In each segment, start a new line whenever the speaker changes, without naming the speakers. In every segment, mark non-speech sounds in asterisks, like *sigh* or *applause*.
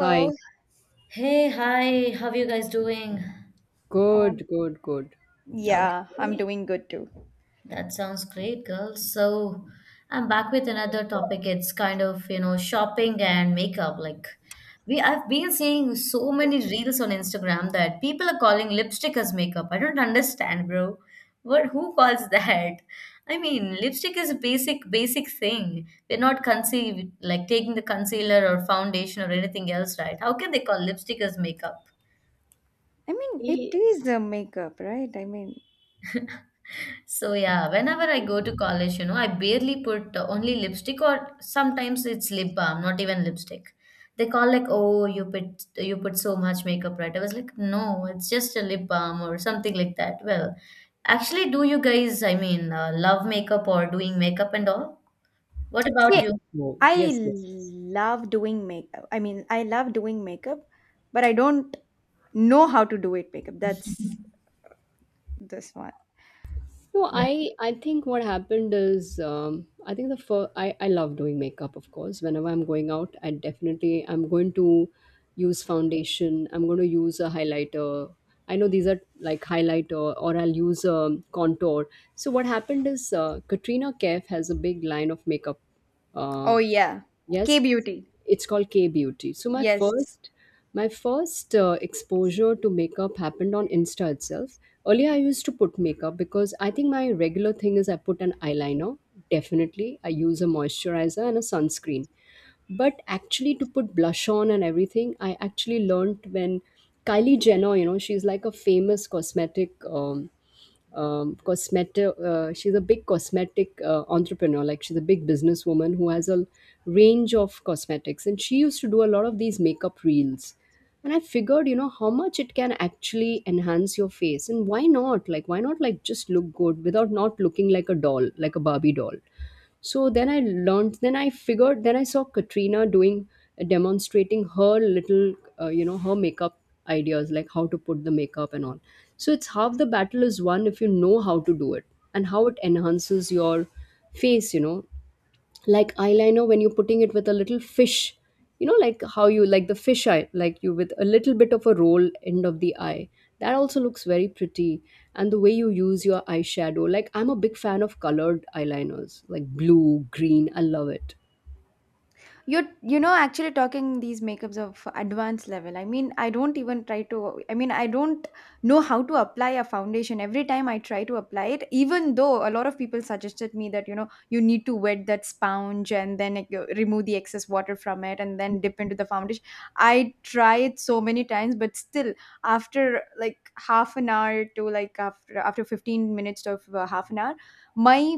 Hi.
Hey, hi, how you guys doing?
Oh, I'm,
Good, good, good.
Okay,
yeah, I'm doing good too.
that sounds great, girls. So, I'm back with another topic. It's kind of, you know, shopping and makeup. Like, we I've been seeing so many reels on Instagram that people are calling lipstick as makeup. I don't understand, bro. What, who calls *laughs* that? I mean, lipstick is a basic, basic thing. We're not conceived like taking the concealer or foundation or anything else, right? How can they call lipstick as makeup?
I mean, it
Eh,
is a makeup, right?
So yeah, whenever I go to college, you know, I barely put only lipstick or sometimes it's lip balm, not even lipstick. They call like, "Oh, you put so much makeup, right?" I was like, "No, it's just a lip balm or something like that." Well, actually, do you guys, I mean, love makeup or doing makeup and all? What about
of
See,
you?
course.
I
Yes, yes, yes.
love doing makeup. But I don't know how to do it makeup. That's this one.
No, I think what happened is I think the first I love doing makeup, of course. Whenever I'm going out, I definitely I'm going to use foundation. I'm going to use a highlighter. I know these are like highlighter, or I'll use a contour. So what happened is Katrina Kaif has a big line of makeup
Oh,
uh,
yeah. K
yes,
beauty.
it's called K Beauty. So my
Yes.
first my first exposure to makeup happened on Insta itself. Earlier, I used to put makeup because I think my regular thing is I put an eyeliner. Definitely, I use a moisturizer and a sunscreen. But actually, to put blush on and everything, I actually learned when Kylie Jenner, you know, she's like a famous cosmetic cosmetic. She's a big cosmetic entrepreneur. Like she's a big businesswoman who has a range of cosmetics, and she used to do a lot of these makeup reels. And I figured, you know, how much it can actually enhance your face, and why not? Like, why not like just look good without not looking like a doll, like a Barbie doll? So then I learned, then I figured, then I saw Katrina doing demonstrating her little you know, her makeup ideas, like how to put the makeup and all. So it's half the battle is won if you know how to do it and how it enhances your face, you know, like eyeliner when you're putting it with a little fish, you know, like how you like the fish eye, like you with a little bit of a roll end of the eye, that also looks very pretty. And the way you use your eyeshadow, like I'm a big fan of colored eyeliners, like blue, green, I love it.
You're, you know, actually talking these makeups of advanced level. I mean I don't even try to I mean I don't know how to apply a foundation. Every time I try to apply it, even though a lot of people suggested me that, you know, you need to wet that sponge and then, like, you remove the excess water from it and then dip into the foundation. I try it so many times, but still after like half an hour to like after 15 minutes to half an hour my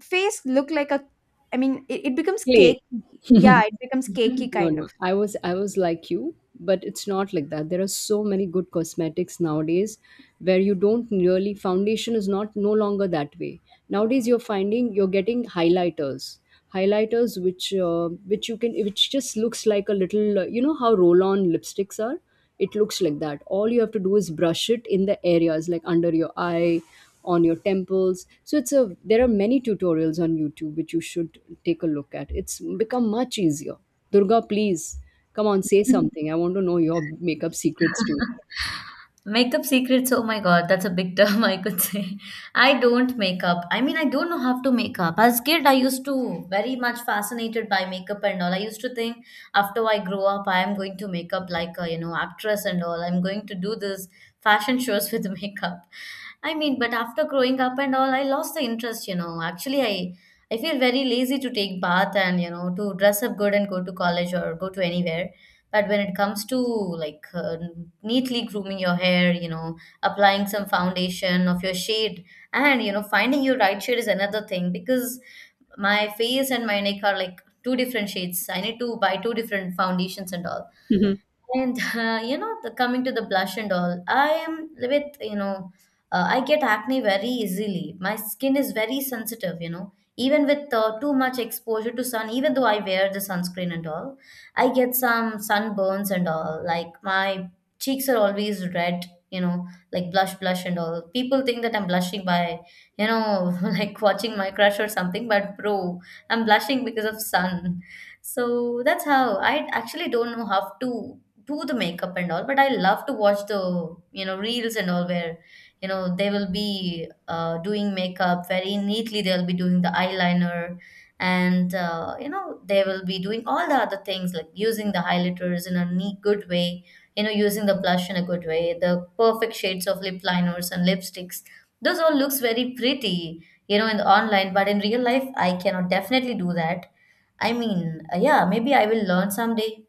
face look like a, I mean, it becomes
Clay.
cake.
*laughs*
Yeah, it becomes cakey
*laughs*
No,
kind
no.
of.
I was like you, but it's not like that. There are so many good cosmetics nowadays where you don't really foundation is not no longer that way. Nowadays you're getting highlighters. Highlighters which you can, which just looks like a little you know how roll-on lipsticks are? It looks like that. All you have to do is brush it in the areas like under your eye, on your temples, so it's a there are many tutorials on YouTube which you should take a look at. It's become much easier. Durga, please, come on, say something. I want to know your makeup secrets too.
No. *laughs* Makeup secrets, oh my god, that's a big term *laughs* I could say. I don't make up. I mean, I don't know how to make up. As kid, I used to very much fascinated by makeup and all. I used to think after I grow up, I am going to make up like a, you know, actress and all. I'm going to do this fashion shows with *laughs* makeup. I mean, but after growing up and all, I lost the interest, you know. Actually, I feel very lazy to take bath and, you know, to dress up good and go to college or go to anywhere. But when it comes to like neatly grooming your hair, you know, applying some foundation of your shade and, you know, finding your right shade is another thing because my face and my neck are like two different shades. I need to buy two different foundations and all.
Mhm.
And *laughs* you know, coming to the blush and all, I am with, you know, I get acne very easily. My skin is very sensitive, you know. Even with too much exposure to sun, even though I wear the sunscreen and all, I get some sunburns and all. Like my cheeks are always red, you know, like blush, blush and all. People think that I'm blushing by, you know, *laughs* like watching my crush or something, but bro, I'm blushing because of sun. So that's how I actually don't know how to do the makeup and all, but I love to watch the, you know, reels and all, where, you know, they will be doing makeup very neatly. They'll be doing the eyeliner, and you know, they will be doing all the other things like using the highlighters in a neat good way, you know, using the blush in a good way, the perfect shades of lip liners and lipsticks. Those all looks very pretty, you know, in the online, but in real life I cannot definitely do that. I mean, yeah, maybe I will learn someday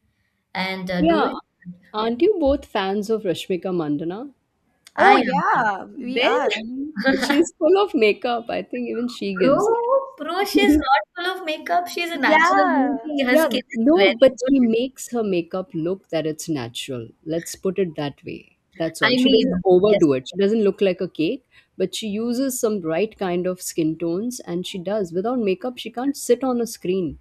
and do
Yeah,
it.
aren't you both fans of Rashmika Mandana?
Oh
I am.
yeah, we
Then
are. I mean,
*laughs* she's
*laughs*
full of makeup, I think. Even she
Bro,
gives
bro, she's
*laughs*
not full of
y-
makeup. She's a natural
yeah.
beauty. Her
yeah,
skin is
no,
very
but she
good.
makes her makeup look that it's natural. Let's put it that way. That's
I
all. She doesn't
mean, yes,
overdo it. She doesn't look like a cake, but she uses some right kind of skin tones, and she does. Without makeup, she can't sit on a screen.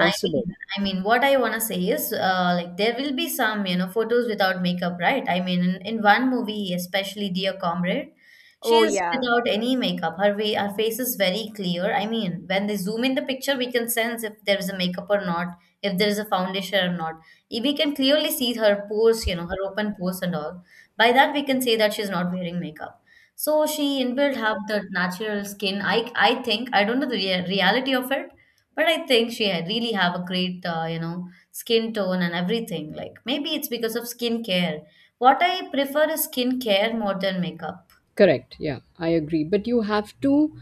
I mean, I mean, what I wanna say is, like there will be some, you know, photos without makeup, right? I mean, in one movie, especially Dear Comrade, she
Oh
is
yeah.
without any makeup. Her way, her face is very clear. I mean, when they zoom in the picture, we can sense if there is a makeup or not, if there is a foundation or not. Eh, we can clearly see her pores, you know, her open pores and all. By that, we can say that she's not wearing makeup. So she inbuilt have the natural skin. I think I don't know the reality of it, but I think she had really have a great, you know, skin tone and everything. Like maybe it's because of skincare. What I prefer is skincare more than makeup.
Correct. Yeah, I agree. But you have to,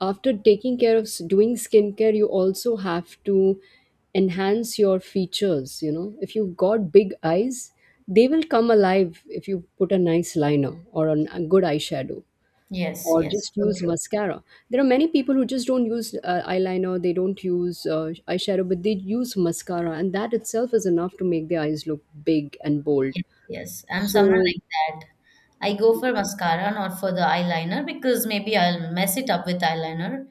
after taking care of s- doing skincare, you also have to enhance your features. You know, if you've got big eyes, they will come alive if you put a nice liner or an- a good eyeshadow
Yes,
or
yes,
just
so
use
true.
mascara. There are many people who just don't use eyeliner, they don't use eyeshadow, but they use mascara, and that itself is enough to make their eyes look big and bold.
Yes, yes. I'm someone
So
like that. I go for mascara, not for the eyeliner, because maybe I'll mess it up with eyeliner.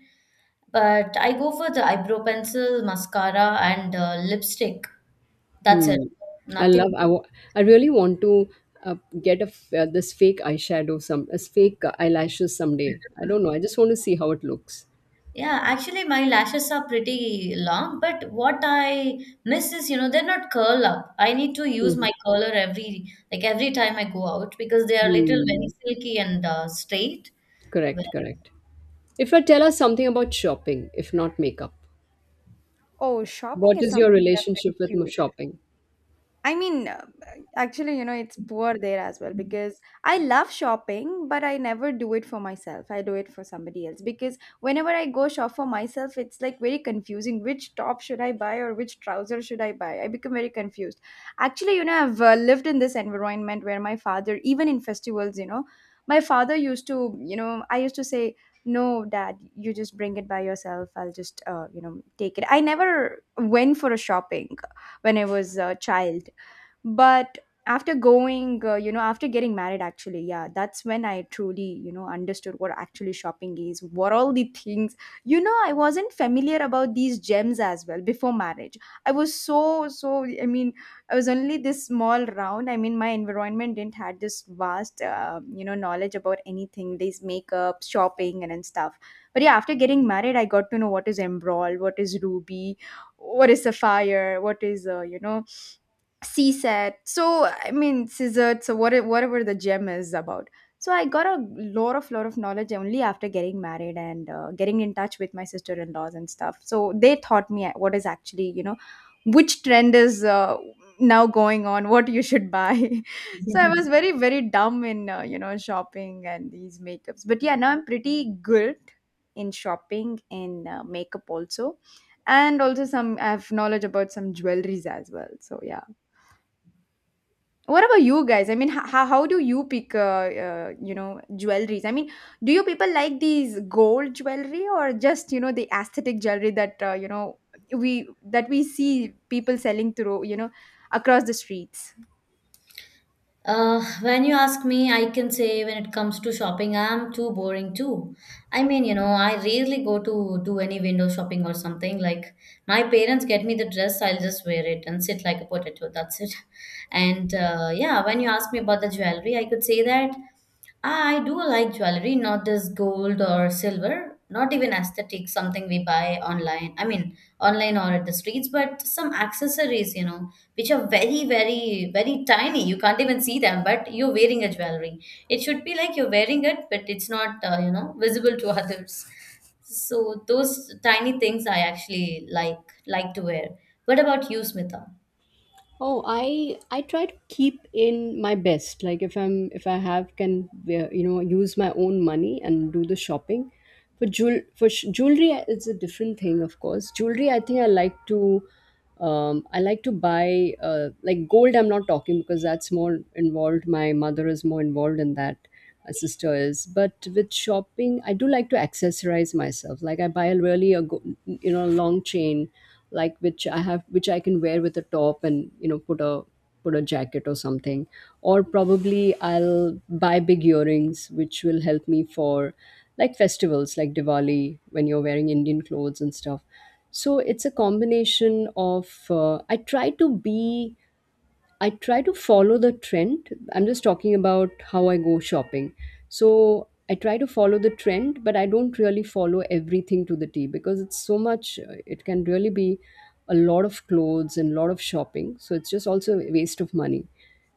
But I go for the eyebrow pencil, mascara, and lipstick. That's it.
hmm. I
Nothing.
love. I really want to uh, get a this fake eyeshadow, some as fake eyelashes someday. I don't know. I just want to see how it looks.
Yeah, actually, my lashes are pretty long, but what I miss is, you know, they're not curl up. I need to use
Hmm.
my curler every, like every time I go out because they are little very
Hmm.
silky and straight. Well,
Correct. Correct. If I tell us something about shopping, if not makeup,
Oh, shopping
what
is
is your
something that's
relationship
very
with m-
cute.
shopping?
I mean, uh, Actually, you know, it's poor there as well, because I love shopping, but I never do it for myself. I do it for somebody else, because whenever I go shop for myself, it's like very confusing. Which top should I buy, or which trouser should I buy? I become very confused. Actually, you know, I've lived in this environment where my father, even in festivals, you know, my father used to, you know, I used to say, no, dad, you just bring it by yourself. I'll just, you know, take it. I never went for a shopping when I was a child, but after going, you know, after getting married, actually, yeah, that's when I truly, you know, understood what actually shopping is, what all the things, you know. I wasn't familiar about these gems as well before marriage. i was so so i mean I was only this small round. I mean, my environment didn't had this vast, you know, knowledge about anything, this makeup, shopping, and stuff. But yeah, after getting married, I got to know what is emerald, what is ruby, what is sapphire, what is, you know, CSAT. CSAT. So whatever, whatever the gem is about. So I got a lot of knowledge only after getting married and getting in touch with my sister-in-laws and stuff. So they taught me what is actually, you know, which trend is, now going on, what you should buy. *laughs* So I was
*laughs*
very dumb in, you know, shopping and these makeups. But yeah, now I'm pretty good in shopping, in makeup also, and also some I have knowledge about some jewelries as well. So yeah. What about you guys? I mean, how do you pick, you know, jewelries? I mean, do you people like these gold jewelry, or just, you know, the aesthetic jewelry that, you know, we see people selling through, you know, across the streets?
uh, when you ask me, I can say when it comes to shopping, I'm too boring too. I mean, you know, I rarely go to do any window shopping or something. Like my parents get me the dress, I'll just wear it and sit like a potato. That's it. *laughs* And yeah, when you ask me about the jewelry, I could say that I do like jewelry, not this gold or silver, not even aesthetic, something we buy online. I mean, online or at the streets, but some accessories, you know, which are very, very, very tiny. You can't even see them, but you're wearing a jewelry. It should be like you're wearing it, but it's not, you know, visible to *laughs* others. So those tiny things I actually like to wear. What about you, Smita?
Oh, I try to keep in my best. Like if I'm if I have can wear- you know, use my own money and do the shopping. For jewel for sh- jewelry, it's a different thing, of course. Jewelry, I think I like to buy like gold. I'm not talking because that's more involved. My mother is more involved in that, a sister is. But with shopping, I do like to accessorize myself. Like I buy a really a go, you know, long chain, like which I have, which I can wear with a top and, you know, put a put a jacket or something. Or probably I'll buy big earrings, which will help me for like festivals like Diwali when you're wearing Indian clothes and stuff. So it's a combination of I try to follow the trend. I'm just talking about how I go shopping. So I try to follow the trend, but I don't really follow everything to the T because it's so much, it can really be a lot of clothes and lot of shopping. So it's just also a waste of money.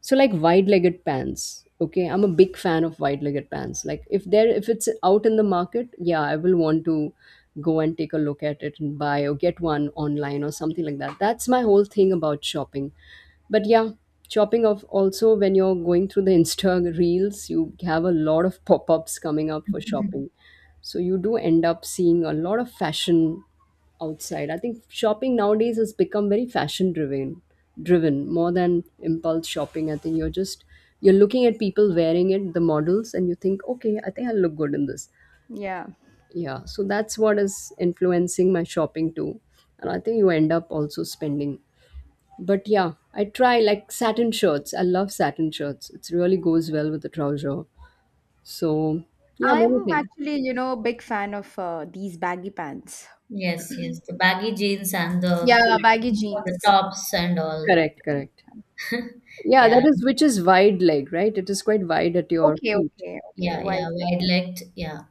So like wide-legged pants, okay, I'm a big fan of wide-legged pants. Like if there if it's out in the market, yeah, I will want to go and take a look at it and buy or get one online or something like that. That's my whole thing about shopping. But yeah, shopping of also when you're going through the Insta reels, you have a lot of *laughs* pop-ups coming up for shopping,
*laughs*
so you do end up seeing a lot of fashion outside. I think shopping nowadays has become very fashion driven, driven more than impulse shopping. I think you're just you're looking at people wearing it, the models, and you think, okay, I think I'll look good in this.
Yeah.
Yeah, so that's what is influencing my shopping too, and I think you end up also spending. But yeah, I try like satin shirts. I love satin shirts. It really goes well with the trouser. So yeah, many
I'm
things.
actually, you know, big fan of these baggy pants.
Yes, yes, the baggy jeans and
Yeah,
Correct,
baggy
the
jeans.
tops and all.
correct, correct.
*laughs*
Yeah,
Yeah,
that is which is wide leg, right? It is quite wide at your
Okay,
feet.
okay, okay.
yeah, yeah,
White like.
wide legged. Yeah,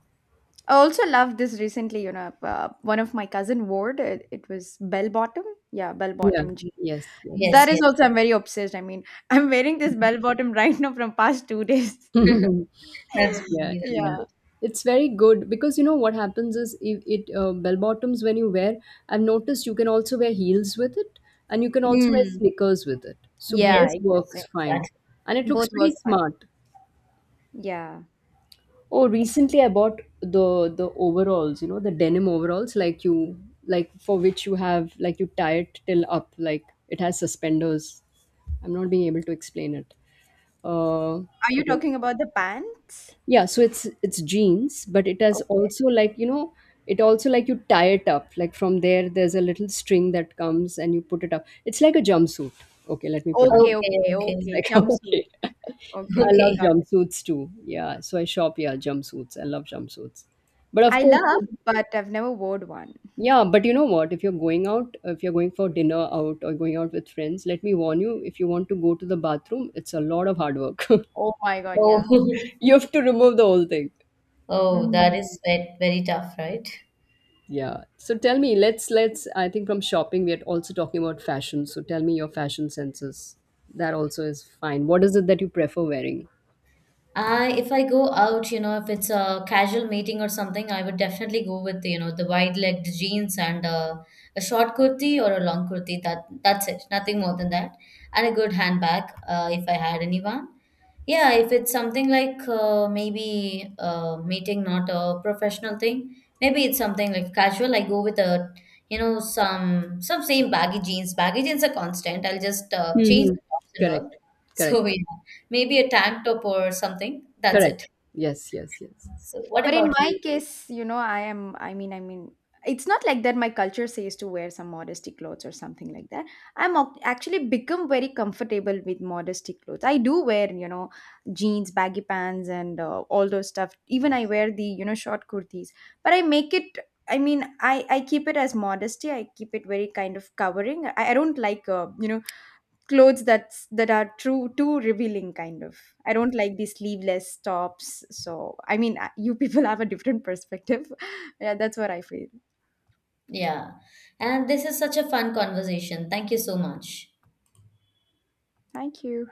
I also love this recently, you know, one of my cousin wore it. It was bell bottom. Yeah, bell
Yeah.
bottom.
Yes, yes.
yes,
That is
yes.
also I'm very obsessed. I mean, *laughs* I'm wearing this bell bottom right now from past 2 days. *laughs*
*laughs*
*laughs*
That's
Yeah,
really that's
yeah.
good.
Yeah.
It's very good because you know what happens is if it bell bottoms when you wear, I've noticed you can also wear heels with it, and you can also wear
Mm.
sneakers with it. So
Yeah,
both
Yes, yes,
exactly.
works fine.
exactly.
And it looks
Both
pretty
work fine.
smart.
Yeah.
Oh, recently I bought the overalls, you know, the denim overalls, like you like for which you have like you tie it till up, like it has suspenders. I'm not being able to explain it. Uh,
Are you
okay.
talking about the pants?
Yeah, so it's jeans, but it has
Okay.
also like, you know, it also like you tie it up. Like from there there's a little string that comes and you put it up. It's like a jumpsuit. Okay, let me put it.
Okay,
Okay,
okay,
okay,
It's
okay.
like *laughs*
Jumpsuit.
okay.
*laughs*
I
Okay,
love
okay.
got it.
jumpsuits too. Yeah, so I shop yeah, jumpsuits. I love jumpsuits. But of
I
course,
love, but I've never worn one.
yeah, but you know what? If you're going out, if you're going for dinner out or going out with friends, let me warn you, if you want to go to the bathroom, it's a lot of hard work. *laughs*
Oh my God,
Oh,
yeah.
*laughs*
You have to remove the whole thing.
oh, that is
Mm.
very tough, right?
Yeah. So tell me, let's I think from shopping we are also talking about fashion. So tell me your fashion senses. That also is fine. What is it that you prefer wearing?
I if I go out, you know, if it's a casual meeting or something, I would definitely go with, you know, the wide-legged jeans and a short kurti or a long kurti. That that's it. Nothing more than that. And a good handbag, if I had anyone. Yeah, if it's something like maybe meeting, not a professional thing, maybe it's something like casual. I go with a, you know, some same baggy jeans. Baggy jeans are constant. I'll just change
Hmm.
the tops and
Correct.
all. *laughs*
Correct.
So yeah, maybe a tank top or something. That's
Correct.
it.
Yes, yes, yes.
So what
But in
about
my
you?
case, you know, I am, I mean, it's not like that my culture says to wear some modesty clothes or something like that. I'm actually become very comfortable with modesty clothes. I do wear, you know, jeans, baggy pants, and all those stuff. Even I wear the, you know, short kurtis. But I make it, I mean, I keep it as modesty. I keep it very kind of covering. I don't like, you know, clothes that are true too revealing kind of. I don't like these sleeveless tops. So I mean, you people *laughs* have a different perspective. *laughs* Yeah, that's what I feel.
Yeah, and this is such a fun conversation. Thank you so much.
Thank you.